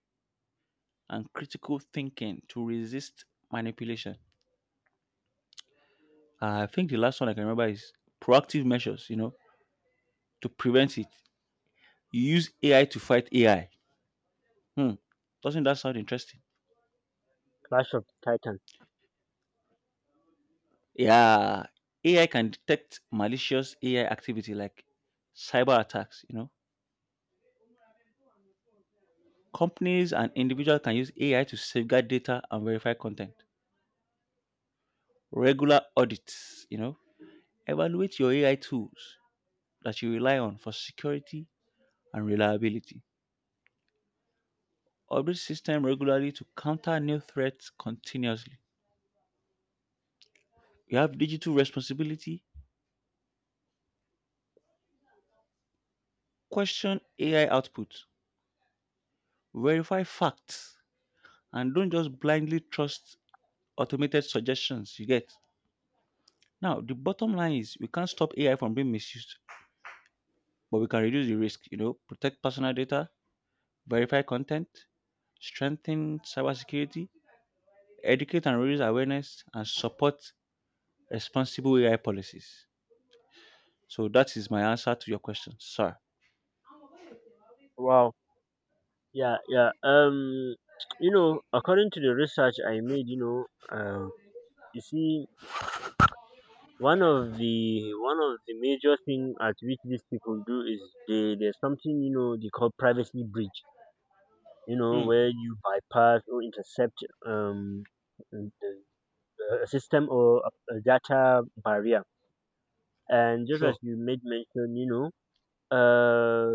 [SPEAKER 2] and critical thinking to resist manipulation. I think the last one I can remember is proactive measures. You know, to prevent it. You use A I to fight A I. Hmm. Doesn't that sound interesting?
[SPEAKER 1] Clash of the Titans.
[SPEAKER 2] Yeah. A I can detect malicious A I activity like cyber attacks, you know. Companies and individuals can use A I to safeguard data and verify content. Regular audits, you know. Evaluate your A I tools that you rely on for security and reliability. Update system regularly to counter new threats continuously. You have digital responsibility. Question A I output. Verify facts and don't just blindly trust automated suggestions you get. Now, the bottom line is we can't stop A I from being misused, but we can reduce the risk, you know, protect personal data, verify content, strengthen cybersecurity, educate and raise awareness, and support responsible A I policies. So that is my answer to your question, sir.
[SPEAKER 1] Wow. Yeah, yeah. Um, <tsk> you know, according to the research I made, you know, uh, you see, one of the one of the major thing at which these people do is they there's something you know they call privacy breach, you know
[SPEAKER 2] Hmm,
[SPEAKER 1] where you bypass or intercept um the- a system or a, a data barrier. And just
[SPEAKER 2] sure.
[SPEAKER 1] as you made mention, you know uh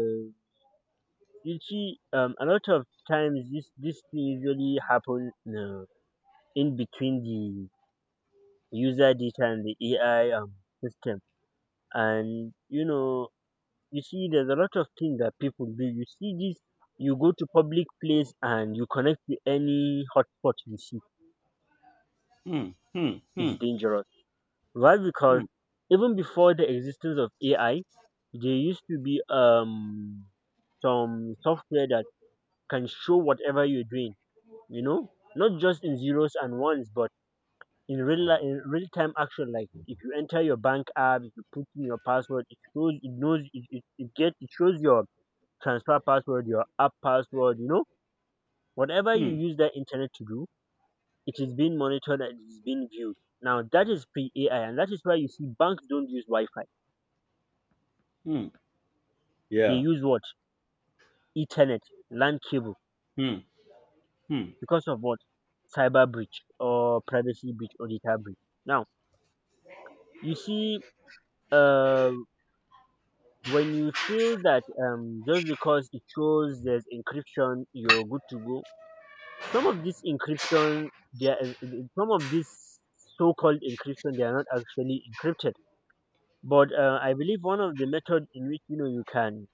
[SPEAKER 1] you see, um a lot of times this this thing usually happen, uh, in between the user data and the AI um system. And you know you see, there's a lot of things that people do. You see this, you go to public place and you connect to any hotspot you see.
[SPEAKER 2] Hmm, hmm, hmm,
[SPEAKER 1] It's dangerous. Why?
[SPEAKER 2] hmm,
[SPEAKER 1] Because even before the existence of A I, there used to be um some software that can show whatever you're doing. You know, Not just in zeros and ones, but in real li- in real time action. Like, if you enter your bank app, if you put in your password, it shows. It knows. It, it, it gets. It shows your transfer password, your app password, you know, whatever you
[SPEAKER 2] hmm,
[SPEAKER 1] use that internet to do, it is being monitored and it is being viewed. Now, that is pre A I, and that is why you see banks don't use Wi Fi.
[SPEAKER 2] hmm,
[SPEAKER 1] They
[SPEAKER 2] yeah,
[SPEAKER 1] use what? Ethernet, LAN cable,
[SPEAKER 2] hmm, hmm,
[SPEAKER 1] because of what? Cyber breach, or privacy breach, or data breach. Now you see, uh, when you feel that, um, just because it shows there's encryption, you're good to go. Some of this encryption, they are, uh, uh, some of this so-called encryption, they are not actually encrypted. But uh, I believe one of the method in which you know you can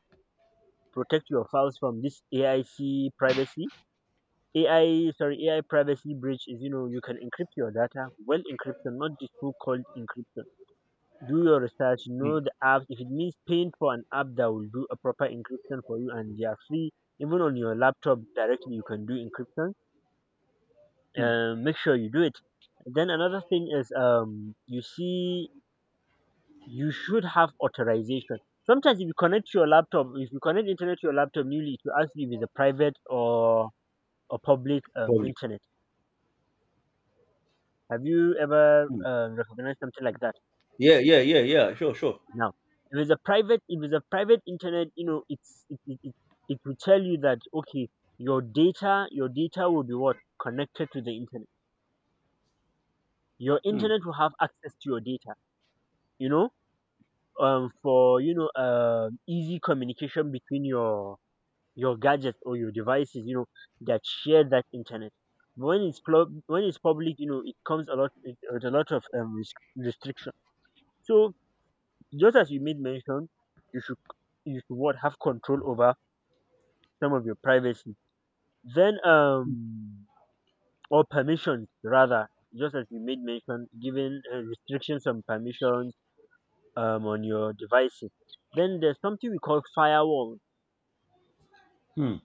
[SPEAKER 1] protect your files from this A I C privacy, A I sorry A I privacy breach is you know you can encrypt your data. Well, encryption, not the so-called encryption. Do your research,
[SPEAKER 2] hmm,
[SPEAKER 1] know the apps. If it means paying for an app that will do a proper encryption for you, and they are free, even on your laptop directly, you can do encryption.
[SPEAKER 2] hmm,
[SPEAKER 1] Uh, make sure you do it. Then another thing is, um, you see, you should have authorization. Sometimes if you connect your laptop, if you connect internet to your laptop newly, it will ask you if it's a private or a public um,
[SPEAKER 2] probably.
[SPEAKER 1] internet. Have you ever
[SPEAKER 2] Hmm.
[SPEAKER 1] uh, recognized something like that?
[SPEAKER 2] Yeah, sure.
[SPEAKER 1] Now, if it's a private, if it's a private internet, you know it's it, it, it, it will tell you that, okay, your data your data will be what connected to the internet. Your
[SPEAKER 2] Hmm,
[SPEAKER 1] internet will have access to your data. You know um for you know um easy communication between your your gadgets or your devices you know that share that internet, but when it's plu- when it's public, you know it comes a lot with with a lot of um res- restriction. So just as you made mention, you should you should, what, have control over some of your privacy. Then um or permissions, rather. Just as you made mention, given uh, restrictions and permissions um on your devices. Then there's something we call firewall.
[SPEAKER 2] hmm.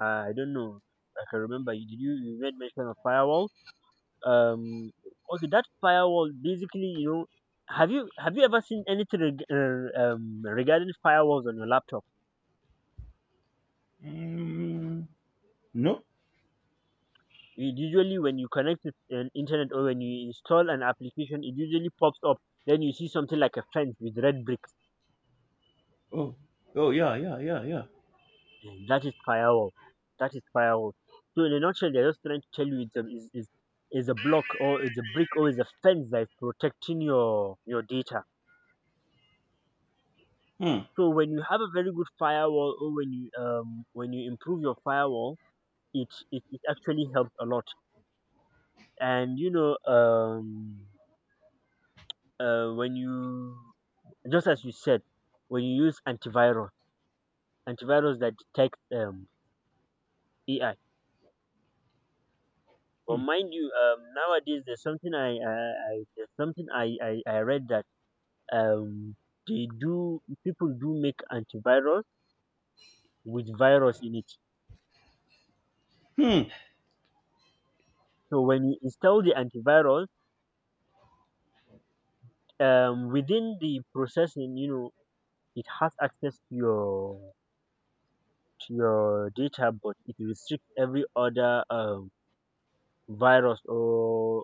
[SPEAKER 1] Uh, I don't know. I can remember. You Did you you made mention of firewall? Um, okay, that firewall basically, you know, have you have you ever seen anything reg- uh, um, regarding firewalls on your laptop?
[SPEAKER 2] Mm, nope.
[SPEAKER 1] It usually, when you connect it an internet or when you install an application, it usually pops up. Then you see something like a fence with red bricks.
[SPEAKER 2] Oh, oh, yeah, yeah, yeah, yeah.
[SPEAKER 1] And that is firewall. That is firewall. So in a nutshell, they're just trying to tell you it's a is is is a block, or it's a brick, or it's a fence that is protecting your your data.
[SPEAKER 2] Hmm,
[SPEAKER 1] So when you have a very good firewall, or when you um when you improve your firewall, it it, it actually helps a lot. And you know um uh, when you just as you said, when you use antivirus, antivirus that detects um A I. But
[SPEAKER 2] hmm,
[SPEAKER 1] mind you, um nowadays there's something I I, I there's something I, I I read that um they do people do make antivirus with virus in it.
[SPEAKER 2] hmm,
[SPEAKER 1] So when you install the antivirus um within the processing, you know, it has access to your to your data, but it restricts every other um virus, or,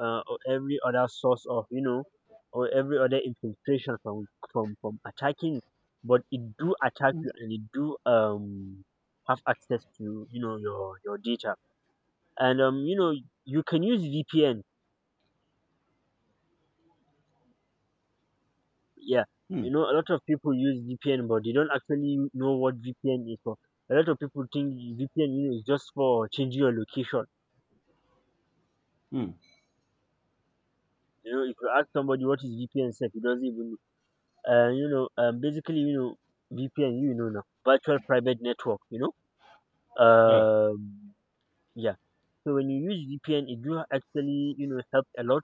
[SPEAKER 1] uh, or every other source of, you know, or every other infiltration from from from attacking. But it do attack you, and it do um have access to, you know, your your data. And um you know, you can use vpn, yeah.
[SPEAKER 2] hmm,
[SPEAKER 1] You know, a lot of people use vpn, but they don't actually know what vpn is for. A lot of people think vpn, you know, is just for changing your location.
[SPEAKER 2] hmm,
[SPEAKER 1] You know, if you ask somebody what is vpn, said he doesn't even know. Uh, you know, um, basically, you know, vpn, you know, now virtual private network, you know.
[SPEAKER 2] yeah,
[SPEAKER 1] um yeah. So when you use vpn, it do actually, you know, help a lot.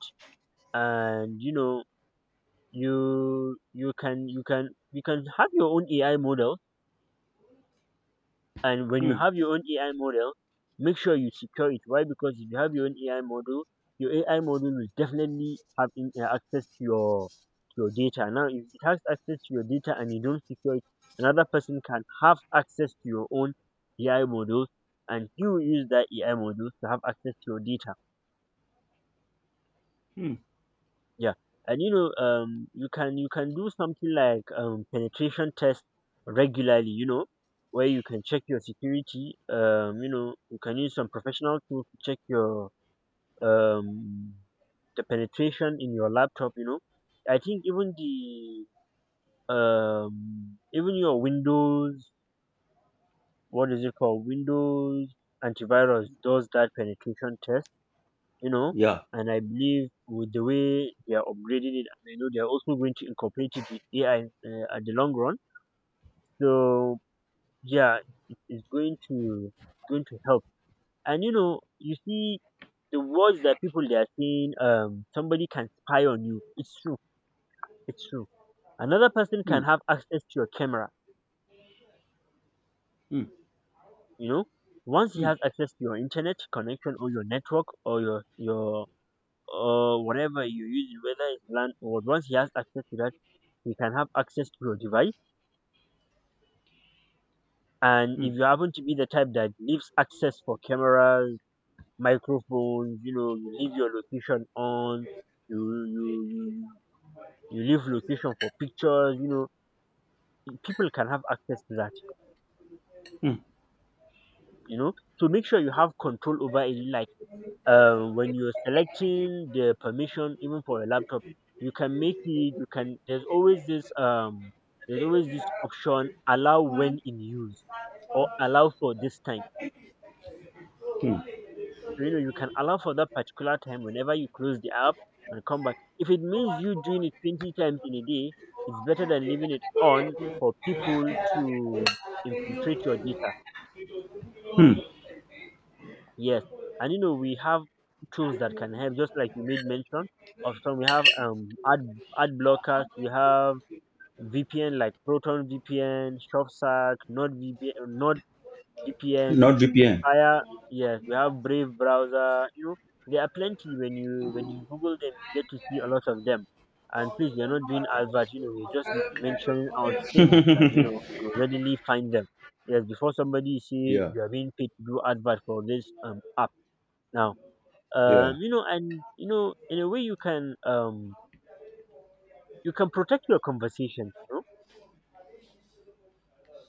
[SPEAKER 1] And you know, you you can you can you can have your own ai model. And when you
[SPEAKER 2] hmm,
[SPEAKER 1] have your own A I model, make sure you secure it. Why? Because if you have your own A I model, your A I model will definitely have in, uh, access to your to your data. Now, if it has access to your data and you don't secure it, another person can have access to your own A I models, and you use that A I model to have access to your data.
[SPEAKER 2] hmm,
[SPEAKER 1] Yeah. And you know, um you can you can do something like um penetration test regularly, you know, where you can check your security. Um you know, you can use some professional tools to check your um the penetration in your laptop, you know. I think even the um even your windows, what is it called, windows antivirus, does that penetration test, you know.
[SPEAKER 2] yeah,
[SPEAKER 1] And I believe with the way they are upgrading it, and I know they are also going to incorporate it with A I, uh, at the long run. So yeah, it is going to going to help. And you know, you see the words that people they are saying, um, somebody can spy on you. It's true. It's true. Another person can
[SPEAKER 2] hmm,
[SPEAKER 1] have access to your camera.
[SPEAKER 2] hmm,
[SPEAKER 1] You know, once he
[SPEAKER 2] hmm,
[SPEAKER 1] has access to your internet connection or your network or your your or whatever you use, whether it's land or what, once he has access to that, he can have access to your device. And
[SPEAKER 2] hmm,
[SPEAKER 1] if you happen to be the type that leaves access for cameras, microphones, you know, you leave your location on, you you you you you leave location for pictures, you know, people can have access to that,
[SPEAKER 2] hmm.
[SPEAKER 1] you know. So make sure you have control over it. Like, uh, when you're selecting the permission even for a laptop, you can make it, you can, there's always this um there's always this option, allow when in use, or allow for this time. So you know, you can allow for that particular time, whenever you close the app and come back. If it means you doing it twenty times in a day, it's better than leaving it on for people to infiltrate your data. Yes. And you know, we have tools that can help, just like you made mention of some. We have um ad ad blockers, we have V P N like Proton VPN, ShopSack, Nord V P N, Nord V P N,
[SPEAKER 2] Not V P N.
[SPEAKER 1] Fire. Yes, we have Brave browser. You know, there are plenty. When you when you Google them, you get to see a lot of them. And please, we are not doing advert. You know, we're just mentioning our things that, you know, you readily find them. Yes, before somebody say
[SPEAKER 2] Yeah,
[SPEAKER 1] you are being paid to do advert for this um app now. Um
[SPEAKER 2] yeah,
[SPEAKER 1] you know, and you know, in a way, you can um you can protect your conversation, you know.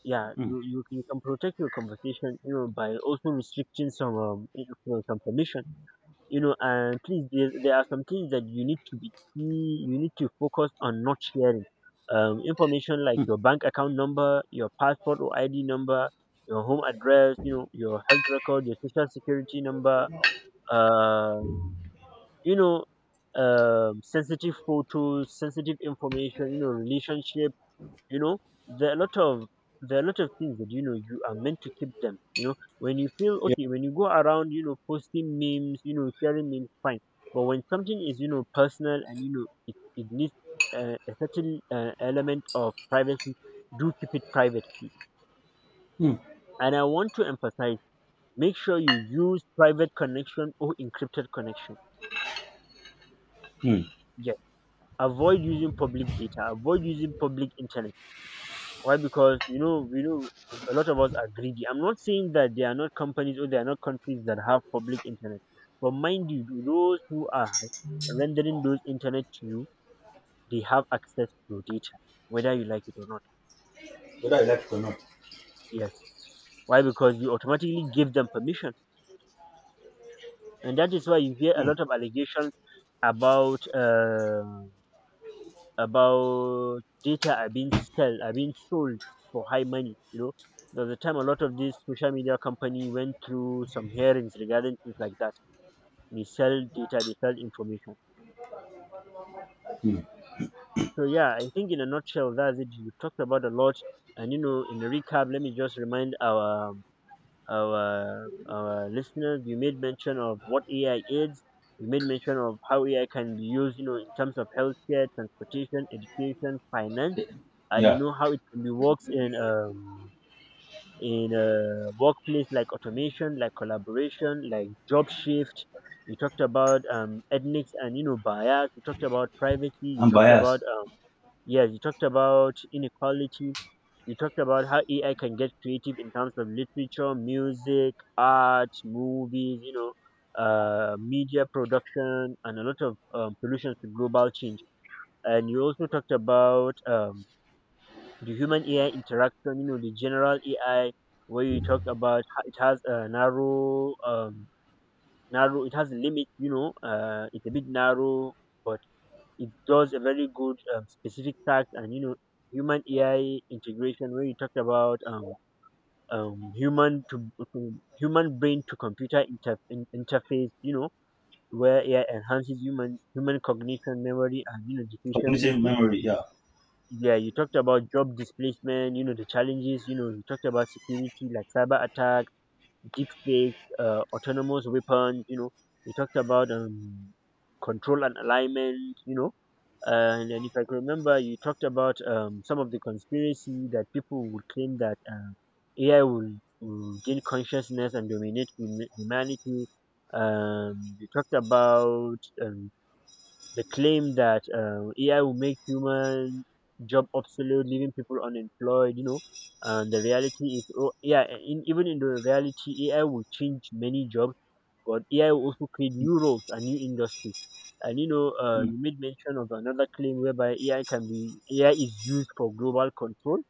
[SPEAKER 1] Yeah,
[SPEAKER 2] hmm,
[SPEAKER 1] you you, you can protect your conversation, you know, by also restricting some, um you know, some permission, you know. And please, there, there are some things that you need to be you need to focus on, not sharing um information like your bank account number, your passport or id number, your home address, you know, your health record, your social security number, uh you know, um sensitive photos, sensitive information, you know, relationship, you know. there are a lot of there are a lot of things that, you know, you are meant to keep them, you know. When you feel
[SPEAKER 2] yeah,
[SPEAKER 1] okay, when you go around, you know, posting memes, you know, sharing memes, fine. But when something is, you know, personal, and you know it, it needs uh, a certain uh, element of privacy, do keep it private, please.
[SPEAKER 2] hmm,
[SPEAKER 1] And I want to emphasize, make sure you use private connection or encrypted connection.
[SPEAKER 2] hmm.
[SPEAKER 1] Yes. Avoid using public data, avoid using public internet. Why? Because, you know, we know a lot of us are greedy. I'm not saying that there are not companies or there are not countries that have public internet, but mind you, those who are rendering those internet to you, they have access to your data, whether you like it or not.
[SPEAKER 2] Whether I like it or not.
[SPEAKER 1] Yes. Why? Because you automatically give them permission, and that is why you hear a lot of allegations about, uh about data are being sell are being sold for high money. You know, there's a time a lot of these social media company went through some hearings regarding things like that. They sell data, they sell information. So yeah, I think in a nutshell, that's it. You talked about a lot, and you know, in a recap, let me just remind our our our listeners. You made mention of what A I is. You made mention of how A I can be used, you know, in terms of healthcare, transportation, education, finance, and you
[SPEAKER 2] Yeah,
[SPEAKER 1] know how it can be works in um in a workplace, like automation, like collaboration, like job shift. You talked about um ethnics, and you know, bias. You talked about privacy. You
[SPEAKER 2] I'm
[SPEAKER 1] talked about,
[SPEAKER 2] biased.
[SPEAKER 1] um yes, you talked about inequality. You talked about how ai can get creative in terms of literature, music, art, movies, you know, uh, media production, and a lot of, um, solutions to global change. And you also talked about, um, the human A I interaction, you know, the general A I, where you talk about ho- it has a narrow, um, narrow, it has a limit, you know. Uh, it's a bit narrow, but it does a very good, um, specific task. And, you know, human A I integration, where you talk about, um, um, human to, to human, brain to computer inter, in, interface, you know, where A I enhances human human cognition, memory, and you know, decision making. Yeah, you talked about job displacement, you know, the challenges, you know. You talked about security, like cyber attack, deep fake, uh, autonomous weapons, you know. You talked about, um, control and alignment, you know. And, and if I can remember, you talked about, um, some of the conspiracy that people would claim that, uh, A I will, will gain consciousness and dominate hum- humanity. Um, you talked about, um, the claim that, um, A I will make human job obsolete, leaving people unemployed, you know. And the reality is, oh, yeah, in, even in the reality, A I will change many jobs, but A I will also create new roles and new industries. And you know, uh, you made mention of another claim, whereby A I can be A I is used for global control.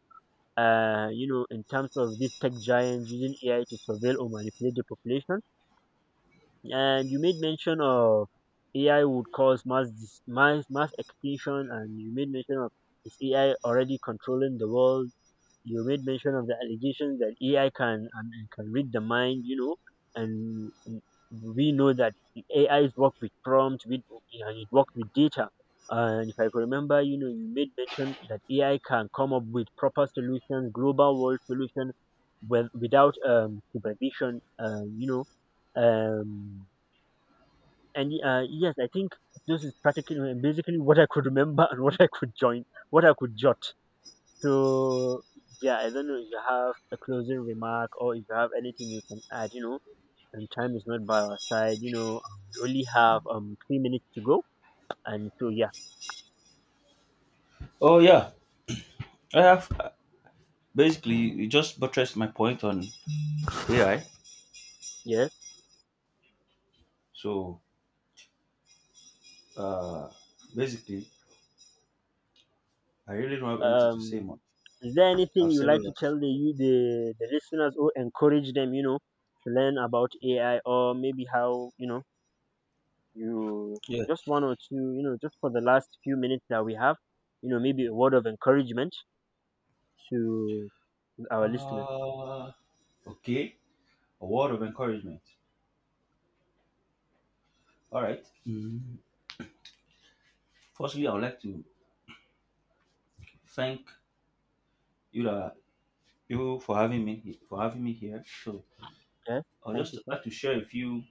[SPEAKER 1] Uh, you know, in terms of these tech giants using A I to surveil or manipulate the population. And you made mention of A I would cause mass dis- mass mass extinction, and you made mention of, is A I already controlling the world. You made mention of the allegations that A I can, um, can read the mind, you know, and we know that the A Is work with prompt, with and it work with data. And if I could remember, you know, you made mention that A I can come up with proper solutions, global world solutions, with, without, um, supervision. uh, you know, um, and, uh, yes, I think this is practically basically what I could remember and what I could join, what I could jot. So yeah, I don't know if you have a closing remark or if you have anything you can add. You know, and time is not by our side. You know, um, we only have um three minutes to go, and so yeah,
[SPEAKER 2] Oh, yeah, I have. uh, Basically, you just buttressed my point on A I.
[SPEAKER 1] yeah.
[SPEAKER 2] So, uh, basically, I really don't have anything to say
[SPEAKER 1] Um,
[SPEAKER 2] more.
[SPEAKER 1] is there anything you like
[SPEAKER 2] Barcelona.
[SPEAKER 1] to tell the you the the listeners or encourage them? You know, to learn about A I, or maybe how, you know, you
[SPEAKER 2] Yeah.
[SPEAKER 1] just one or two, you know, just for the last few minutes that we have, you know, maybe a word of encouragement to our listeners.
[SPEAKER 2] Uh, okay. A word of encouragement. All right. Mm. Firstly, I would like to thank you that you for having me for having me here. So
[SPEAKER 1] Okay,
[SPEAKER 2] I would
[SPEAKER 1] thank
[SPEAKER 2] just
[SPEAKER 1] you, sir.
[SPEAKER 2] like to share a few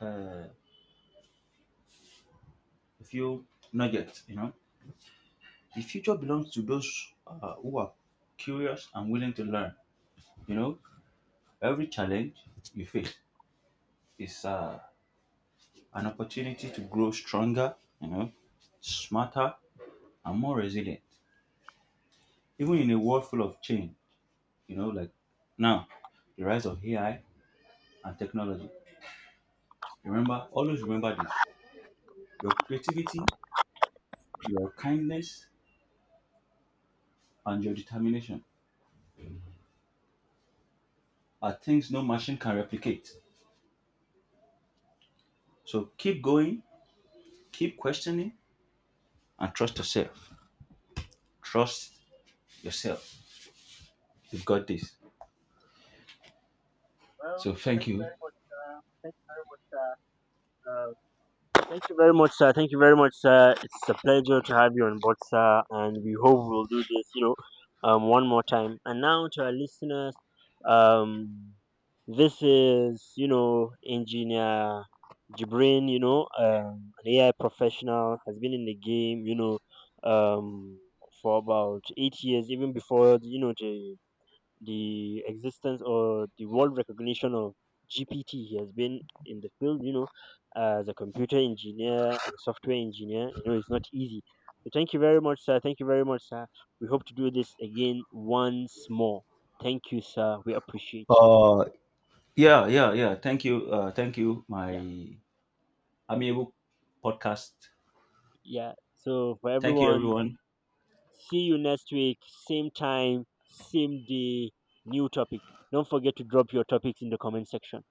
[SPEAKER 2] uh, a few nuggets. You know, the future belongs to those uh, who are curious and willing to learn. You know, every challenge you face is uh, an opportunity to grow stronger. You know, smarter and more resilient. Even in a world full of change, you know, like now, the rise of A I and technology. Remember, always remember this. Your creativity, your kindness, and your determination are things no machine can replicate. So keep going, keep questioning, and trust yourself. Trust yourself. You've got this.
[SPEAKER 1] Well,
[SPEAKER 2] So thank
[SPEAKER 1] thank you
[SPEAKER 2] you.
[SPEAKER 1] very much. Uh, thank you very much, uh, uh, Thank you very much, sir. Thank you very much, sir. It's a pleasure to have you on board, sir. And we hope we'll do this, you know, um, one more time. And now to our listeners, um, this is, you know, engineer Jibrin, you know, um, an A I professional, has been in the game, you know, um, for about eight years, even before, you know, the the existence or the world recognition of G P T. He has been in the field, you know, as a computer engineer and software engineer. You know, it's not easy. So thank you very much, sir. Thank you very much, sir. We hope to do this again once more. Thank you, sir. We appreciate.
[SPEAKER 2] Uh yeah, yeah, yeah. Thank you. Uh thank you, my
[SPEAKER 1] Yeah,
[SPEAKER 2] amiable podcast.
[SPEAKER 1] yeah. So for
[SPEAKER 2] Thank you
[SPEAKER 1] everyone,
[SPEAKER 2] everyone.
[SPEAKER 1] see you next week, same time, same day, new topic. Don't forget to drop your topics in the comment section.